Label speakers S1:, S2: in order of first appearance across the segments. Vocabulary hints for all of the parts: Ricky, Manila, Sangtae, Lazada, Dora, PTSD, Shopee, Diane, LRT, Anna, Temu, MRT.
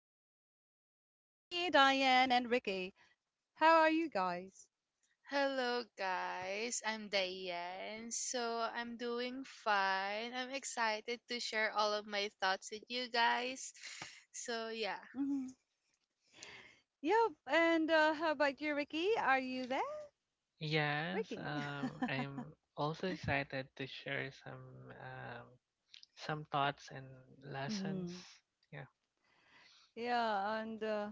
S1: show, and this is with me, Diane, and Ricky. How are you guys?
S2: Hello, guys. I'm Diane. So, I'm doing fine. I'm excited to share all of my thoughts with you guys. So, yeah.
S1: Hmm. Yep. And how about you, Ricky? Are you there,
S3: Yes,
S1: Ricky?
S3: I'm also excited to share some thoughts and lessons.
S1: Hmm.
S3: Yeah.
S1: Yeah. And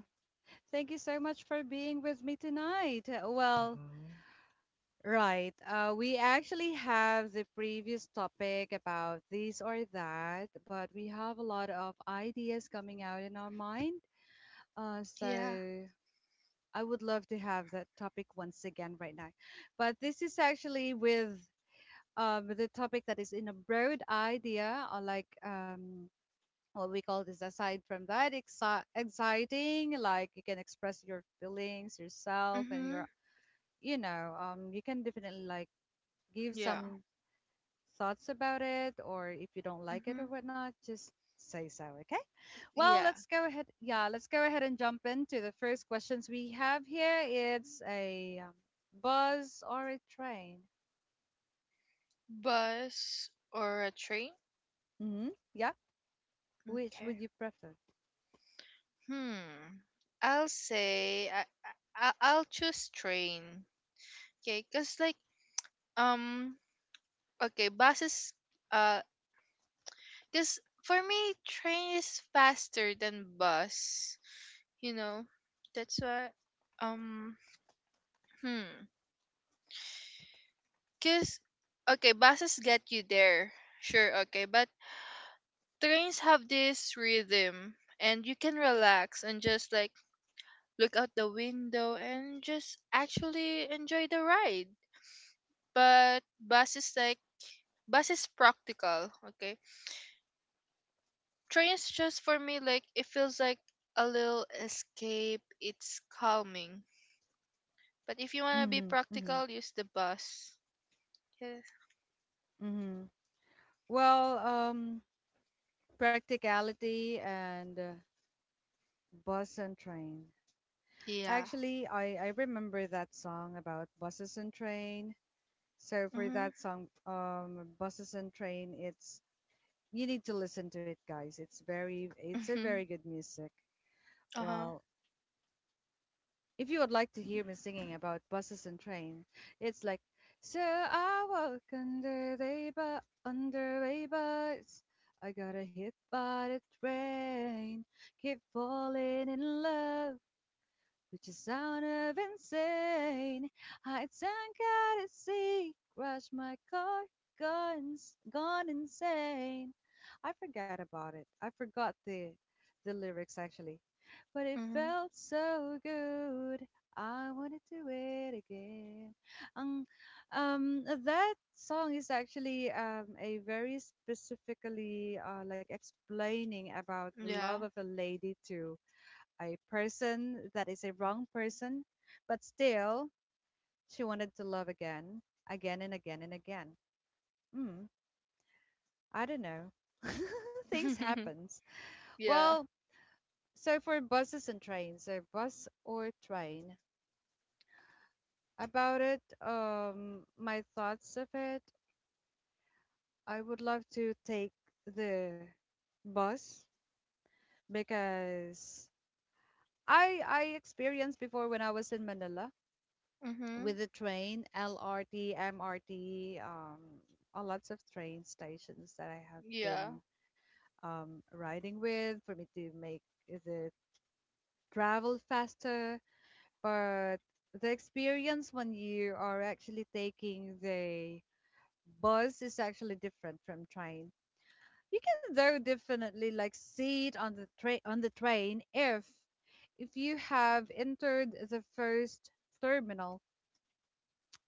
S1: thank you so much for being with me tonight. Well,
S3: Hmm.
S1: right. We actually have the previous topic about this or that, but we have a lot of ideas coming out in our mind. So
S2: Yeah.
S1: I would love to have that topic once again right now. But this is actually with the topic that is in a broad idea, or like, what we call this aside from that, exciting, like you can express your feelings, yourself, and
S2: Mm-hmm.
S1: your, you can definitely like give
S2: Yeah.
S1: some thoughts about it, or if you don't like it
S2: Mm-hmm.
S1: or whatnot, just say so, okay? Well,
S2: Yeah.
S1: let's go ahead. Yeah, let's go ahead and jump into the first questions we have here. It's a, bus or a train?
S2: Bus or a train?
S1: Hmm. Yeah. Which
S2: Okay.
S1: would you prefer?
S2: Hmm. I'll say I I'll choose train. Okay, cause like um okay, buses, uh cause for me train is faster than bus. You know, that's why. Um hmm cuz Okay, buses get you there. Sure, okay, but trains have this rhythm and you can relax and just like look out the window and just actually enjoy the ride. But buses like bus is practical, okay? Trains just for me like it feels like a little escape. It's calming. But if you want to be
S1: Hmm. Hmm.
S2: practical, use the bus. 'Kay.
S1: Hmm. Well, practicality and, bus and train.
S2: Yeah.
S1: Actually, I remember that song about buses and train. So for
S2: Mhm.
S1: that song, buses and train, it's you need to listen to it, guys. It's a very
S2: Mm-hmm.
S1: good music.
S2: Uh-huh.
S1: Well, if you would like to hear me singing about buses and trains, it's like, so I walk under the under a bus. I got hit by the train, keep falling in love. Which is sound of insane. I tank out at sea, crash my car, guns, gone insane. I forgot about it. I forgot the lyrics actually, but it
S2: Mm-hmm.
S1: felt so good. I wanna do it again. Um, that song is actually, a very specifically, like explaining about the love
S2: Yeah.
S1: of a lady to a person that is a wrong person, but still she wanted to love again, again and again and again. Mm, I don't know. Things happens.
S2: Yeah.
S1: Well, so for buses and trains, so bus or train. About it, my thoughts of it, I would love to take the bus because I experienced before when I was in Manila. With
S2: Mm-hmm.
S1: the train, LRT, MRT, a lots of train stations that I have
S2: Yeah.
S1: been, riding with for me to make the travel faster. But the experience when you are actually taking the bus is actually different from train. You can though definitely like see it on the train if you have entered the first terminal.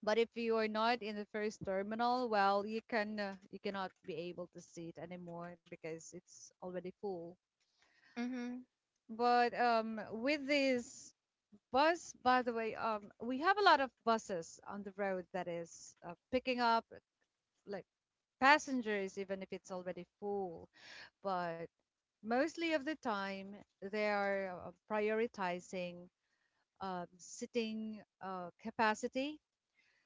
S1: But if you are not in the first terminal, well, you cannot be able to see it anymore because it's already full.
S2: Mm-hmm.
S1: But, with this bus, by the way, we have a lot of buses on the road that is, picking up like passengers, even if it's already full. But mostly of the time, they are, prioritizing, sitting, capacity.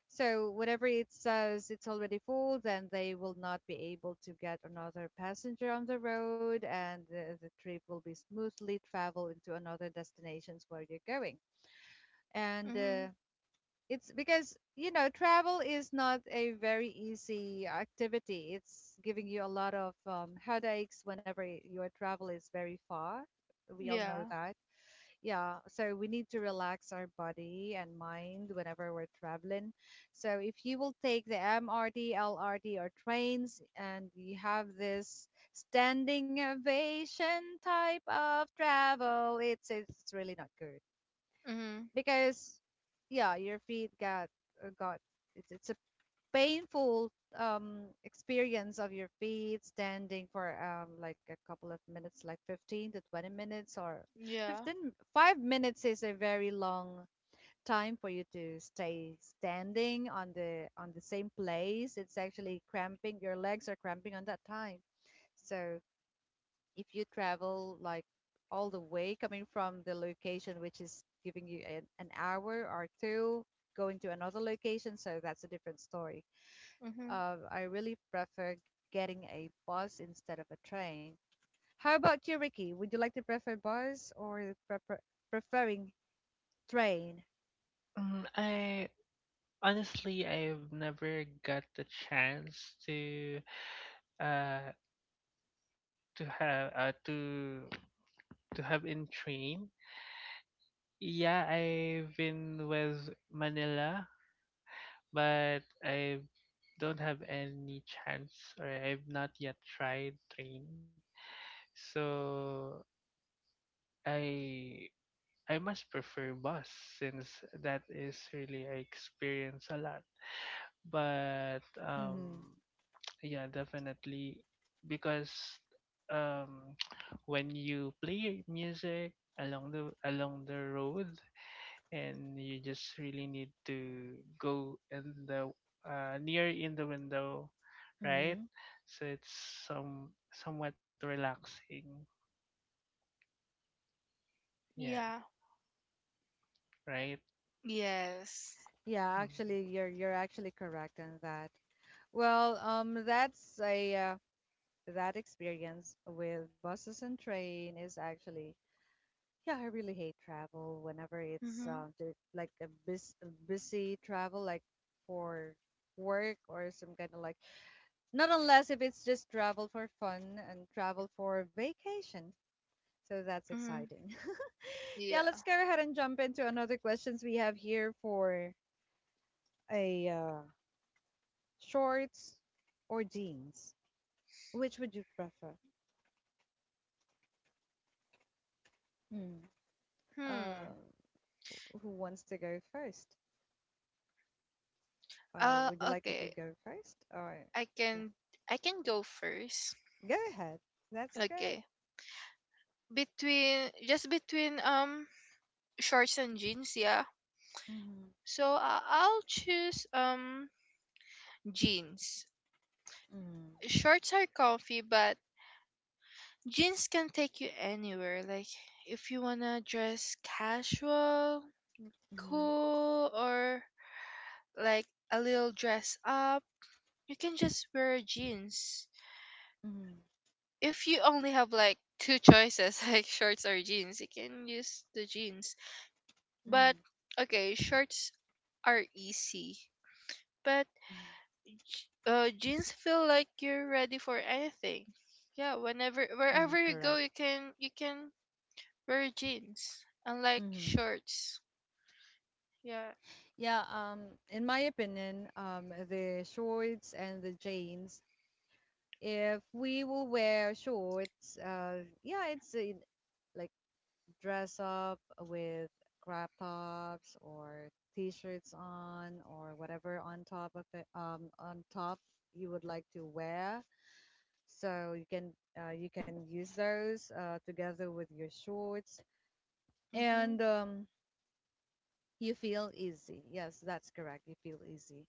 S1: So whatever it says it's already full, then they will not be able to get another passenger on the road, and the trip will be smoothly travel into another destinations where you're going. And,
S2: Mm-hmm.
S1: it's because you know travel is not a very easy activity. It's giving you a lot of, headaches whenever your travel is very far. We all know
S2: Yeah.
S1: that, yeah, so we need to relax our body and mind whenever we're traveling. So if you will take the MRT LRT or trains and you have this standing ovation type of travel, it's really not good,
S2: Mm-hmm.
S1: because, yeah, your feet got, uh, got it's painful, experience of your feet standing for, like a couple of minutes, like 15 to 20 minutes or
S2: Yeah.
S1: 15 5 minutes is a very long time for you to stay standing on the same place. It's actually cramping, your legs are cramping on that time. So if you travel like all the way coming from the location, which is giving you an hour or two, going to another location, so that's a different story.
S2: Mm-hmm.
S1: I really prefer getting a bus instead of a train. How about you, Ricky? Would you like to prefer bus or preferring train?
S3: I honestly I've never got the chance uh to have uh to to have in train. Yeah, I've been with Manila, but I don't have any chance or I've not yet tried train. So I I must prefer bus since that is really I experience a lot. But
S1: Mm-hmm.
S3: yeah, definitely because um when you play music along the road and you just really need to go in the near in the window, right?
S1: Mm-hmm.
S3: So it's somewhat relaxing. Yeah,
S2: Yeah.
S3: right?
S2: Yes.
S1: Yeah, actually,
S3: Mm-hmm.
S1: you're actually correct in that. Well, that's a that experience with buses and train is actually, yeah, I really hate travel whenever it's,
S2: Mm-hmm.
S1: like a busy travel like for work or some kind of like. Not unless if it's just travel for fun and travel for vacation. So that's
S2: Mm-hmm.
S1: exciting. Yeah,
S2: Yeah.
S1: let's go ahead and jump into another questions we have here for a shorts or jeans. Which would you prefer? Hmm.
S2: Hmm.
S1: Uh, who wants to go first?
S2: Uh,
S1: Would you like me to
S2: okay.
S1: go first? Or
S2: I
S1: yeah,
S2: can I can go first.
S1: go ahead. That's great.
S2: Okay. Between just between shorts and jeans, yeah.
S1: Mm-hmm.
S2: So I'll choose jeans.
S1: Mm-hmm.
S2: Shorts are comfy, but jeans can take you anywhere. Like if you wanna dress casual,
S1: Mm-hmm.
S2: cool, or like a little dress up, you can just wear jeans.
S1: Mm-hmm.
S2: If you only have like two choices, like shorts or jeans, you can use the jeans. But okay, shorts are easy, but
S1: Mm-hmm.
S2: jeans feel like you're ready for anything. Yeah, whenever
S1: Mm-hmm.
S2: wherever you
S1: Correct.
S2: go, you can wear jeans, unlike
S1: Mm-hmm.
S2: shorts. Yeah.
S1: Yeah, in my opinion, the shorts and the jeans, if we will wear shorts, yeah, it's, like dress up with crop tops or t-shirts on or whatever on top of it, on top you would like to wear. So you can use those, together with your shorts
S2: Mhm.
S1: and, you feel easy. Yes, that's correct. You feel easy.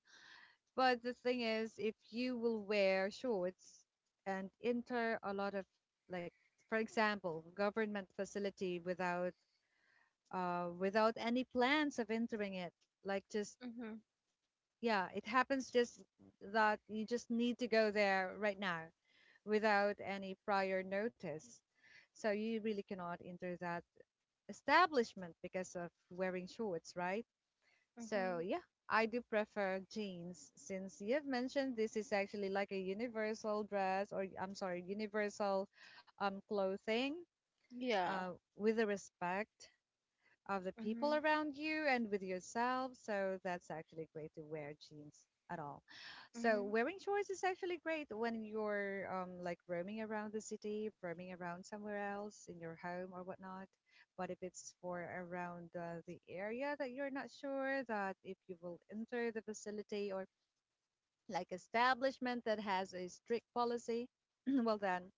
S1: But the thing is, if you will wear shorts and enter a lot of, like, for example, government facility without, without any plans of entering it, like just,
S2: Mhm.
S1: yeah, it happens just that you just need to go there right now without any prior notice. So you really cannot enter that establishment because of wearing shorts, right? So
S2: Mhm.
S1: yeah, I do prefer jeans since you've mentioned this is actually like a universal dress, or I'm sorry, universal, clothing,
S2: Yeah.
S1: with a respect of the people
S2: Mhm.
S1: around you and with yourself. So that's actually great to wear jeans at all. So
S2: Mhm.
S1: wearing shorts is actually great when you're, like roaming around the city, roaming around somewhere else in your home or whatnot. But if it's for around, the area that you're not sure that if you will enter the facility or like establishment that has a strict policy, well then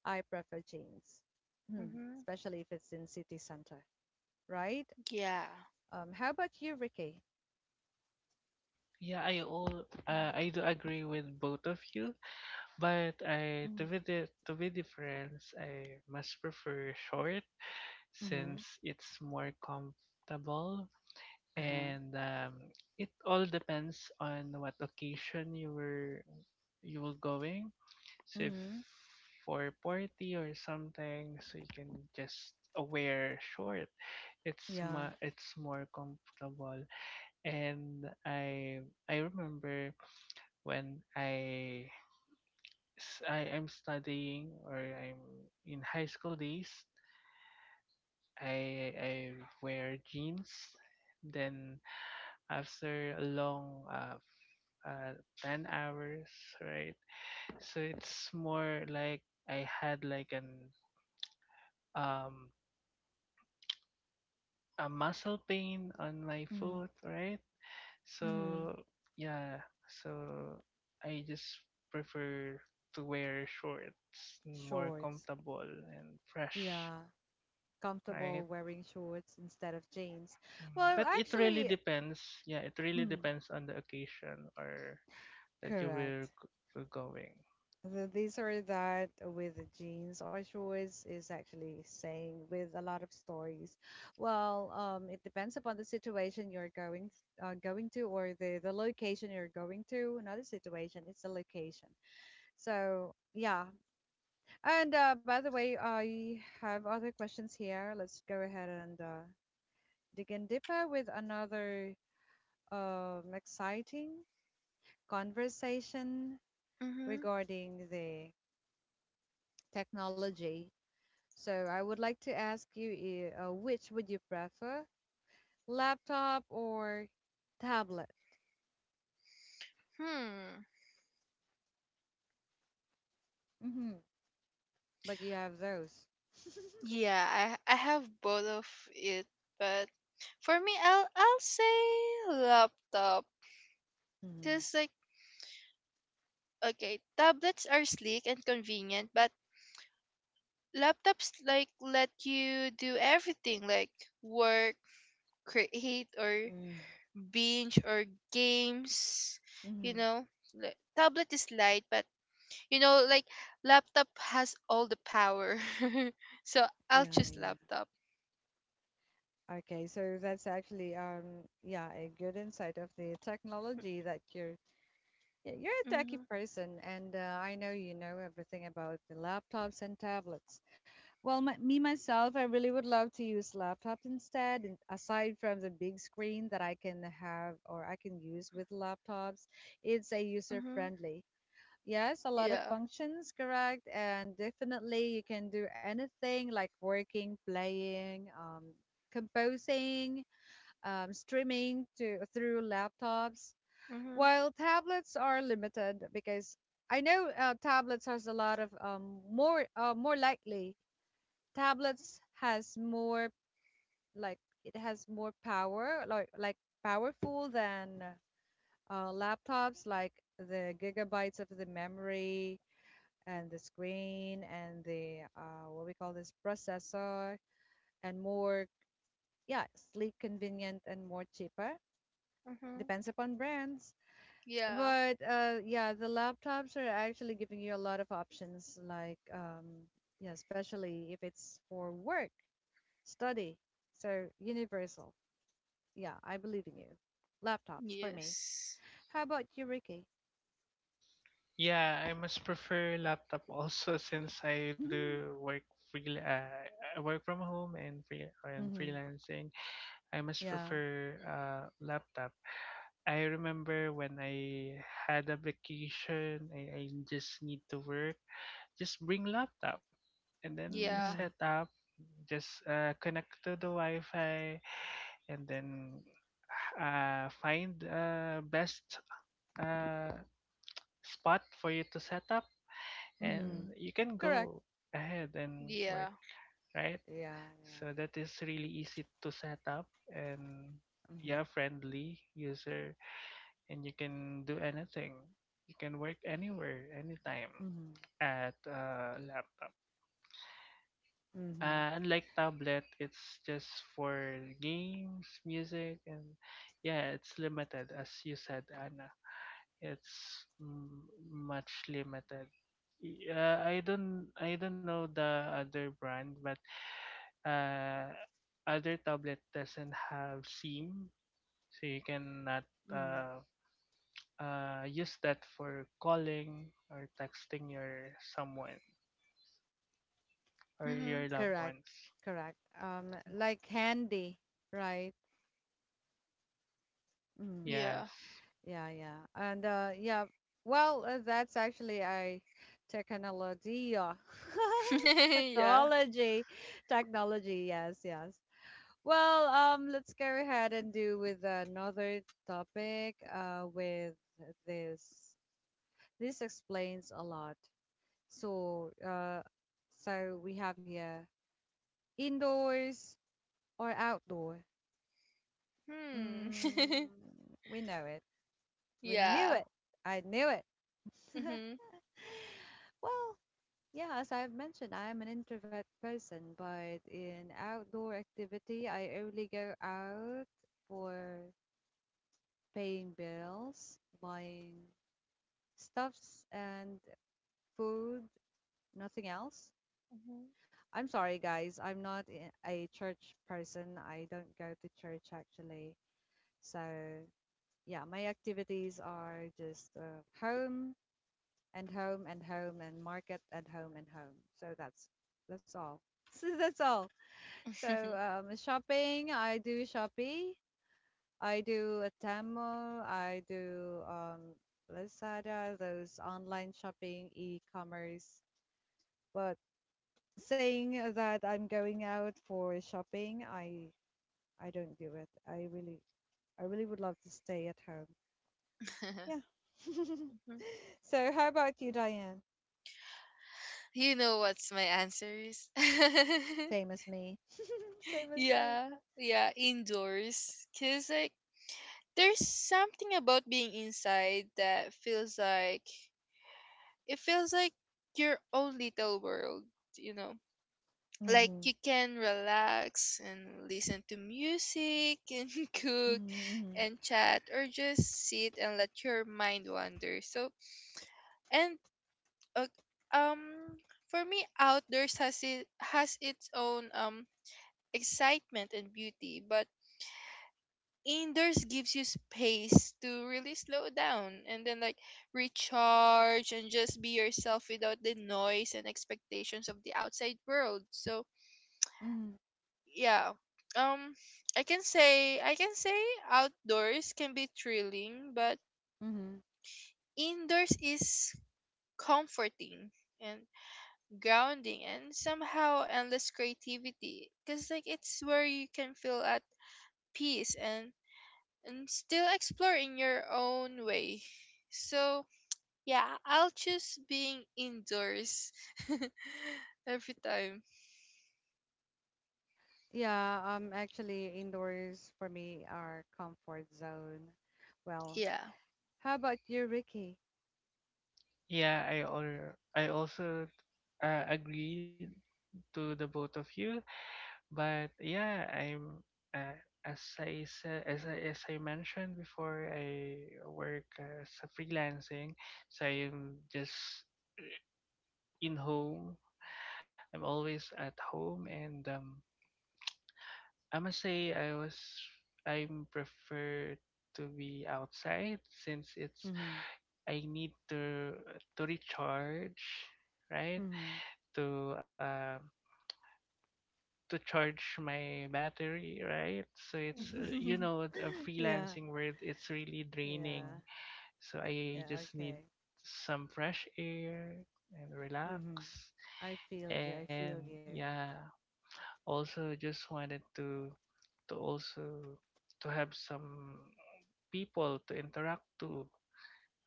S1: I prefer jeans,
S2: Mhm.
S1: especially if it's in city center, right?
S2: Yeah.
S1: How about you, Ricky?
S3: Yeah, I do agree with both of you, but I, to
S1: Mm-hmm.
S3: be the to be different, I much prefer short since
S1: Mm-hmm.
S3: it's more comfortable
S1: Uh-huh.
S3: and it all depends on what occasion you were going. So if
S1: Mm-hmm.
S3: for party or something, so you can just wear short. It's
S1: Yeah.
S3: ma- it's more comfortable, and I remember when I am studying or I'm in high school days, I wear jeans. Then after a long 10 hours, right? So it's more like I had like an um a muscle pain on my
S1: Mm-hmm.
S3: foot, right?
S1: Mm-hmm.
S3: So yeah, so I just prefer to wear shorts more
S1: Shorts.
S3: comfortable and fresh,
S1: Yeah.
S3: right?
S1: Comfortable wearing shorts instead of jeans. Well,
S3: But it really
S1: actually,
S3: depends. Yeah, it really
S1: mm.
S3: depends on the occasion or that you were
S1: Correct.
S3: g- were going.
S1: These are that with the jeans or shorts is actually saying with a lot of stories. Well, it depends upon the situation you're going to or the location you're going to. Another situation, it's the location. So yeah. And, by the way, I have other questions here. Let's go ahead and, dig in deeper with another, exciting conversation
S2: Mhm.
S1: regarding the technology. So I would like to ask you, which would you prefer, laptop or tablet?
S2: Hmm.
S1: Hmm. But you have those.
S2: Yeah, I have both of it, but for me, I'll say laptop,
S1: Mm-hmm.
S2: cause like okay, tablets are sleek and convenient, but laptops like let you do everything like work, create, or
S1: Mm.
S2: binge, or games,
S1: Hmm. Mm.
S2: you
S1: Hmm.
S2: know. Like, tablet is light but you know like laptop has all the power. So I'll
S1: Yeah,
S2: choose
S1: yeah.
S2: laptop.
S1: Okay, so that's actually, yeah, a good insight of the technology that you're yeah, you're a techie
S2: Mm-hmm.
S1: person and, I know you know everything about the laptops and tablets. Well, me myself, I really would love to use laptop instead, and aside from the big screen that I can have or I can use with laptops, it's a user
S2: Mm-hmm.
S1: friendly. Yes, a lot of
S2: Yeah.
S1: functions, correct, and definitely you can do anything like working, playing, composing, streaming to through laptops,
S2: Mm-hmm.
S1: while tablets are limited because I know, tablets has a lot of, more likely tablets has more, like, it has more power, like powerful than, laptops, like the gigabytes of the memory and the screen and the, what we call this processor, and more, yeah, sleek, convenient, and more cheaper,
S2: Mm-hmm.
S1: depends upon brands.
S2: Yeah.
S1: But, yeah, the laptops are actually giving you a lot of options, like, yeah, especially if it's for work, study. So universal. Yeah, I believe in you. Laptops for me.
S2: Yes.
S1: How about you, Ricky?
S3: Yeah, I must prefer laptop also since I do work free. I work from home and free and
S1: Mm-hmm.
S3: freelancing. I must
S1: Yeah.
S3: prefer laptop. I remember when I had a vacation, I just need to work. Just bring laptop and then
S2: Yeah.
S3: set
S1: Mm-hmm.
S3: up. Just connect to the Wi-Fi and then find best uh, spot for you to set up,
S1: Mm-hmm.
S3: and you can
S1: Correct.
S3: go ahead and work.
S2: Yeah.
S3: Right?
S1: Yeah. Yeah.
S3: So that is really easy to set up and
S1: Mm-hmm.
S3: yeah, friendly user and you can do anything. You can work anywhere, anytime
S1: Mm-hmm.
S3: at laptop.
S1: Mm-hmm.
S3: Unlike tablet, it's just for games, music, and yeah, it's limited as you said, Anna. It's much limited. I don't know the other brand, but uh, other tablet doesn't have SIM, so you cannot
S1: Mm-hmm.
S3: uh, use that for calling or texting your someone or your
S2: Mm-hmm.
S3: loved
S1: Correct.
S3: ones.
S1: Correct. Like handy, right? Mm-hmm.
S3: Yeah.
S2: Yeah.
S3: Yes.
S1: Yeah, yeah. And yeah, well, that's actually a technology.
S2: Yeah.
S1: Technology. Technology, yes, yes. Well, let's go ahead and do with another topic, with this. This explains a lot. So, so we have here indoors or outdoor.
S2: Hmm.
S1: Mm, we know it. We knew
S2: Yeah.
S1: it. I knew it.
S2: Mm-hmm.
S1: Well, yeah, as I've mentioned, I am an introvert person, but in outdoor activity, I only go out for paying bills, buying stuffs and food, nothing else.
S2: Mm-hmm.
S1: I'm sorry, guys, I'm not a church person. I don't go to church actually. So, yeah, my activities are just, home and home and home and market and home and home. So that's all. So that's all. So shopping, I do Shopee, I do Temu, I do Lazada, those online shopping, e-commerce. But saying that I'm going out for shopping, I don't do it. I really would love to stay at home. Yeah. So how about you, Diane?
S2: You know what's my answer is.
S1: Same as me. Same as me.
S2: Yeah, yeah, indoors. Cause like there's something about being inside that feels like it feels like your own little world, you know. Like
S1: Mm-hmm.
S2: you can relax and listen to music and cook
S1: Mm-hmm.
S2: and chat or just sit and let your mind wander. So and uh, um for me outdoors has it has its own excitement and beauty, but indoors gives you space to really slow down and then like recharge and just be yourself without the noise and expectations of the outside world. So
S1: Mm-hmm.
S2: yeah, um I can say outdoors can be thrilling, but
S1: Mm-hmm.
S2: indoors is comforting and grounding and somehow endless creativity, because like it's where you can feel at peace and still explore in your own way. So, yeah, I'll choose being indoors every time.
S1: Yeah, actually, indoors for me are comfort zone. Well,
S2: Yeah.
S1: how about you, Ricky?
S3: Yeah, I also agree to the both of you, but yeah, I'm uh, as I said, as I mentioned before, I work as a freelancing, so I'm just in home. I'm always at home, and I must say I prefer to be outside since it's
S1: Mm-hmm.
S3: I need to recharge, right?
S1: Mm-hmm.
S3: To uh to charge my battery, right? So it's
S2: Mhm.
S3: a
S1: Yeah,
S3: freelancing world. It's really draining.
S1: yeah,
S3: So I
S1: yeah,
S3: just need
S1: okay.
S3: some fresh air and relax.
S1: Mm-hmm. I feel you, I
S3: And
S1: feel you.
S3: yeah, also just wanted to also to have some people to interact to,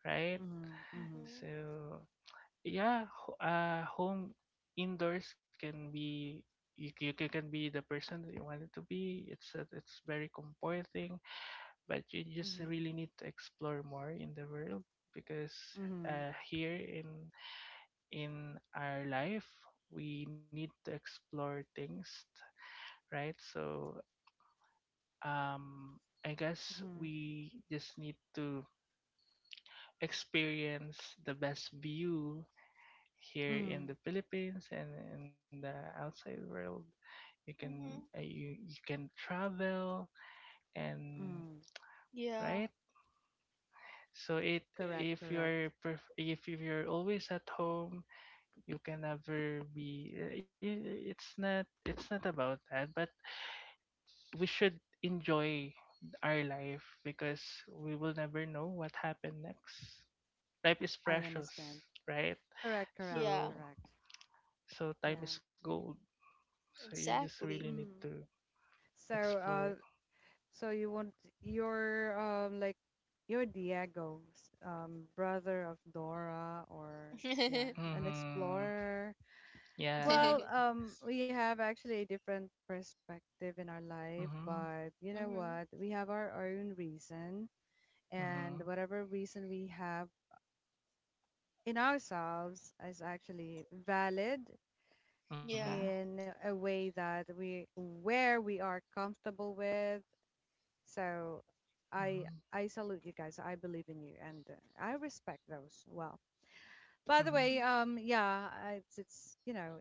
S3: right?
S1: Mm-hmm. Mm-hmm.
S2: Mhm.
S3: So yeah, home indoors can be can be the person that you wanted to be. It's very comforting, but you just really need to explore more in the world because,
S1: Mm-hmm. Mm-hmm.
S3: here in our life we need to explore things, right? So, um I guess
S1: Mm-hmm.
S3: we just need to experience the best view here in
S1: Mm-hmm.
S3: the Philippines and in the outside world. You can,
S2: Mhm.
S3: you can travel. And
S1: Mm-hmm.
S2: Yeah.
S3: right, so it,
S1: Correct,
S3: if
S1: correct.
S3: you're perf- if if you're always at home, you can never be, it's not about that, but we should enjoy our life because we will never know what happened next. Time is
S1: I
S3: precious,
S1: understand.
S3: right?
S1: Correct, correct,
S2: Yeah.
S3: So
S1: correct.
S3: so time is
S1: Yeah.
S3: gold. So you just really
S2: Exactly.
S3: need
S1: Mm-hmm.
S3: to
S1: So, uh,
S3: explore.
S1: So you want your like your Diego's brother of Dora or yeah, an
S3: Mm-hmm.
S1: explorer.
S3: Yeah.
S1: Well, we have actually a different perspective in our life,
S3: Mm-hmm.
S1: but you know
S2: Mhm.
S1: what? We have our own reason, and
S3: Mm-hmm.
S1: whatever reason we have in ourselves is actually valid
S3: Mm-hmm.
S2: Yeah.
S1: in a way that we where we are comfortable with. So I
S3: Mm-hmm.
S1: I salute you guys. I believe in you, and I respect those. Well, by the
S3: Mm-hmm.
S1: way,
S2: Mhm.
S1: yeah, it's you know,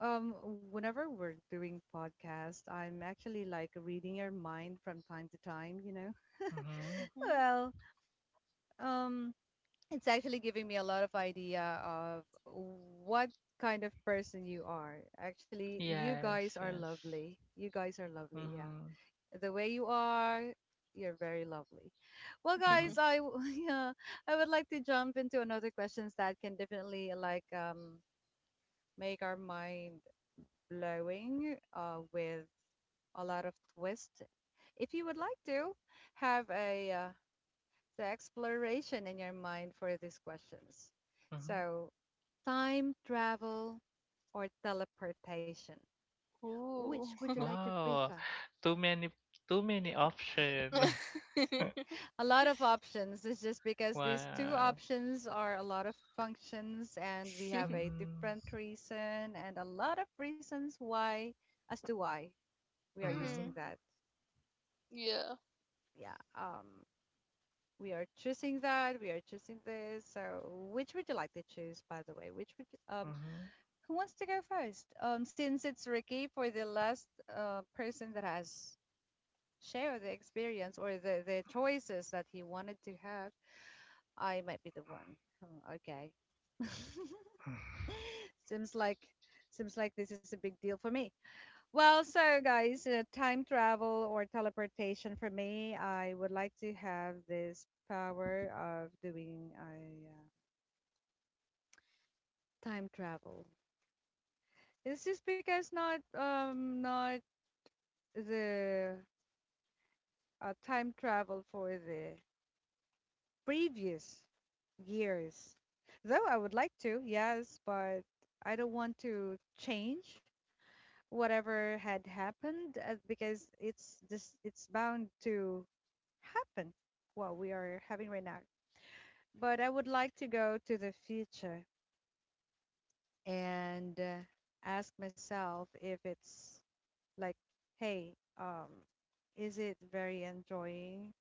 S1: um, whenever we're doing podcast, I'm actually like reading your mind from time to time. You know,
S3: Mm-hmm.
S2: Mhm.
S1: well, um, it's actually giving me a lot of idea of what kind of person you are. Actually, you
S3: Yes,
S1: guys are
S3: yes.
S1: lovely. You guys are lovely. Yeah.
S3: Mm-hmm.
S1: The way you are. You're very lovely. Well,
S3: Mm-hmm.
S1: guys, yeah, I would like to jump into another questions that can definitely like make our mind blowing with a lot of twist. If you would like to have a the exploration in your mind for these questions.
S3: Mm-hmm.
S1: So, time travel or teleportation,
S2: Ooh.
S1: which would you like to
S3: Wow.
S1: prefer?
S3: Too many too many option.
S1: A lot of options. It's just because these two
S3: Wow.
S1: options are a lot of functions and we have a different
S3: Mm-hmm.
S1: reason and a lot of reasons why as to why we are using
S3: Mm-hmm.
S2: Mhm.
S1: that.
S2: Yeah.
S1: Yeah. We are choosing that, we are choosing this. So which would you like to choose by the way? Um,
S3: Mm-hmm.
S1: who wants to go first? Since it's Ricky for the last person that has shared the experience or the choices that he wanted to have, I might be the one. Hmm, okay. seems like seems like this is a big deal for me. Well, so guys, time travel or teleportation for me, I would like to have this power of doing a time travel. It's just because not the time travel for the previous years. Though I would like to, yes, but I don't want to change whatever had happened because it's bound to happen what we are having right now, but I would like to go to the future and ask myself if it's like, hey, um is it very enjoying,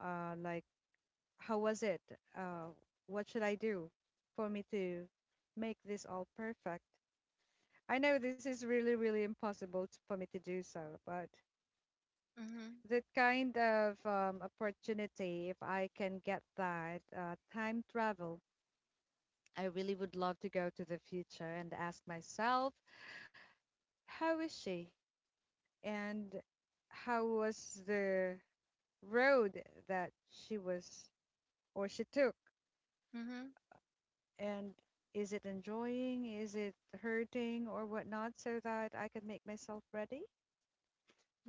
S1: like how was it, uh what should I do for me to make this all perfect. I know this is really really impossible for me to do so, but
S2: Mhm.
S1: that kind of opportunity, if I can get that time travel, I really would love to go to the future and ask myself, how is she? And how was the road that she was or she took?
S2: Mhm.
S1: And is it enjoying? Is it hurting or whatnot? So that I can make myself ready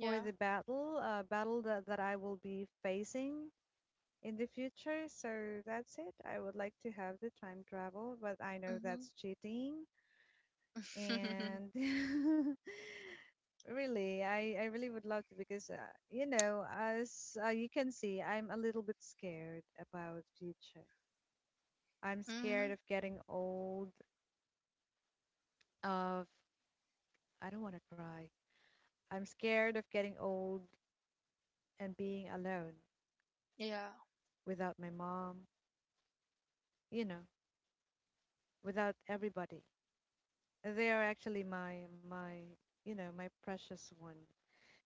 S1: for the battle, battle that I will be facing in the future. So that's it. I would like to have the time travel, but I know
S2: Mhm.
S1: that's cheating. And really, I really would love to because, you know, as you can see, I'm a little bit scared about future. I'm scared
S2: Mhm.
S1: of getting old, of, I don't want to cry. I'm scared of getting old and being alone
S2: Yeah.
S1: without my mom, you know, without everybody. They are actually you know, my precious one.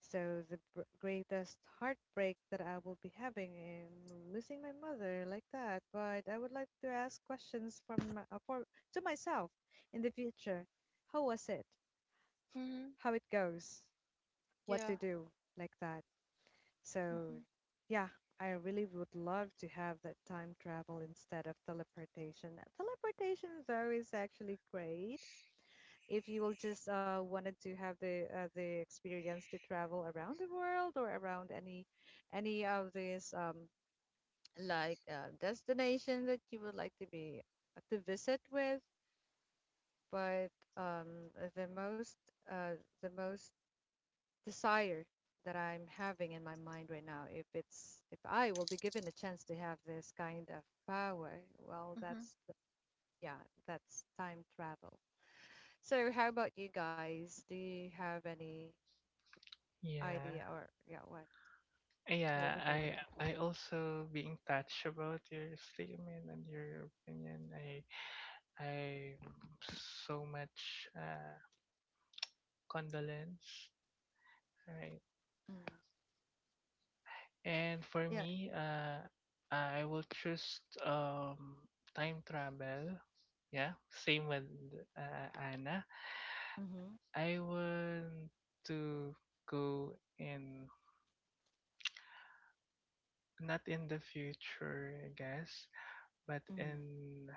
S1: So the greatest heartbreak that I will be having in losing my mother like that. But I would like to ask questions from my- for to myself in the future. How was it?
S2: Mhm.
S1: How it goes? What
S2: Yeah.
S1: to do? Like that.
S2: Mhm.
S1: So yeah, I really would love to have that time travel instead of teleportation. Teleportation though is actually great if you will just wanted to have the experience to travel around the world or around any of these like destination that you would like to be to visit with, but um, the most uh, the most desire that I'm having in my mind right now, if it's if I will be given a chance to have this kind of power, well,
S2: Mhm,
S1: yeah, that's time travel. So, how about you guys? Do you have any
S3: Yeah.
S1: idea or yeah, what
S3: Yeah,
S1: would you like
S3: I
S1: to do?
S3: I also being touched about your statement and your opinion. I so much condolence. Right.
S1: Mm.
S3: And for
S1: Yeah.
S3: me, I will choose time travel. Yeah, same with Anna.
S1: Mhm.
S3: I want to go in, not in the future, I guess, but
S1: Mhm.
S3: in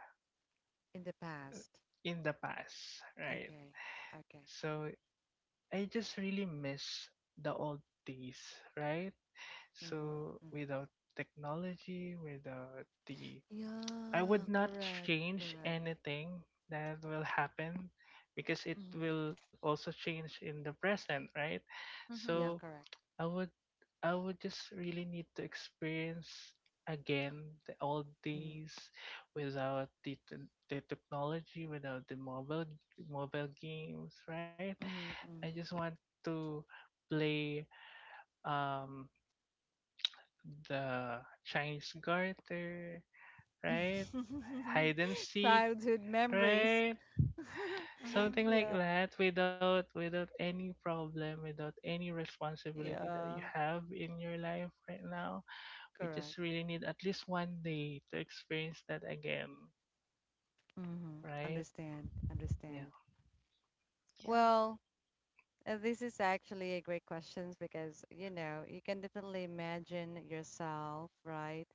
S1: In the past.
S3: in the past, right?
S1: Okay, okay.
S3: So I just really miss the old days, right?
S1: Mm-hmm,
S3: So
S1: mm-hmm.
S3: without technology, without the I
S1: Yeah,
S3: would not
S1: correct.
S3: change
S1: Correct.
S3: anything that will happen because it
S1: Mhm.
S3: will also change in the present, right?
S1: Yeah,
S3: So
S2: mhm,
S1: correct.
S3: I would I would just really need to experience again the old
S1: Mhm.
S3: days without the technology, without the mobile games, right? I just
S1: Mhm.
S3: want to play um the Chinese garter,
S1: Mhm.
S3: right? Hide and seek,
S1: Childhood memories.
S3: right? Something
S2: mhm.
S3: like
S1: Yeah.
S3: that, without any problem, without any responsibility that
S1: Yeah.
S3: you have in your life right now. We just
S1: Correct.
S3: really need at least one day to experience that again,
S1: Mm-hmm.
S3: right?
S1: Understand,
S3: Yeah.
S1: understand.
S2: Yeah.
S1: Well, uh, this is actually a great question because, you know, you can definitely imagine yourself, right?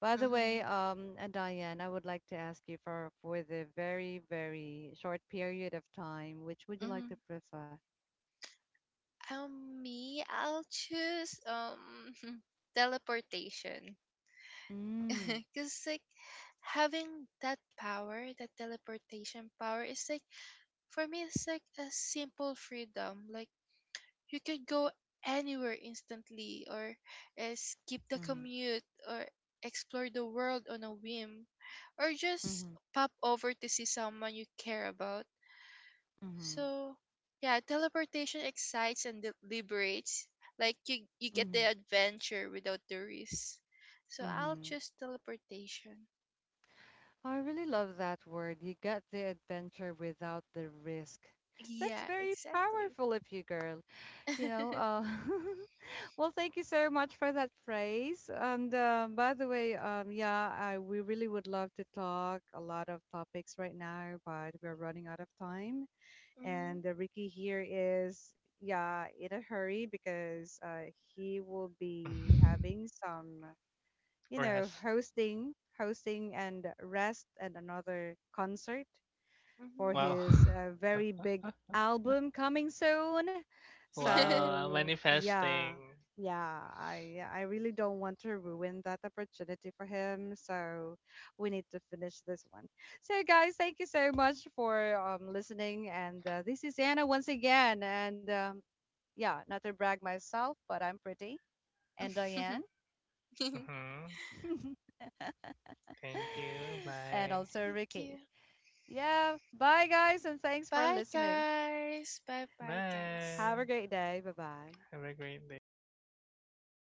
S1: By the way,
S2: Mhm,
S1: Diane, I would like to ask you for the very, very short period of time, which would you like
S2: mhm.
S1: to prefer?
S2: Me, I'll choose teleportation.
S1: Mm,
S2: Cause like having that power, that teleportation power, is like for me, it's like a simple freedom. Like you could go anywhere instantly, or skip the
S1: mm-hmm,
S2: commute, or explore the world on a whim, or just
S1: mm-hmm,
S2: pop over to see someone you care about.
S1: mm-hmm,
S2: So, yeah, teleportation excites and liberates. Like you get the
S1: mm-hmm,
S2: adventure without the risk. So I'll
S1: mm-hmm.
S2: choose teleportation.
S1: I really love that word. You got the adventure without the risk. That's
S2: Yeah,
S1: very
S2: exactly.
S1: powerful of you, girl. You know, well, thank you so much for that praise. And by the way, yeah, we really would love to talk a lot of topics right now, but we're running out of time.
S2: Mhm,
S1: And Ricky here is, yeah, in a hurry because he will be having some, you know,
S3: Rest.
S1: hosting, hosting and rest and another concert for
S2: mhm.
S3: Wow.
S1: his very big album coming soon.
S3: Wow.
S1: So yeah,
S3: Manifesting.
S1: yeah, I really don't want to ruin that opportunity for him. So we need to finish this one. So guys, thank you so much for listening. And this is Anna once again. And yeah, not to brag myself, but I'm pretty, and Diane.
S2: Thank
S3: Hmm. Thank you.
S1: And
S3: Bye.
S1: also
S2: you.
S1: Ricky. Yeah, bye guys, and thanks for
S2: Bye,
S1: listening.
S2: guys. Bye, bye,
S3: Bye.
S2: guys.
S1: Have a great day. Bye bye.
S3: Have a great day.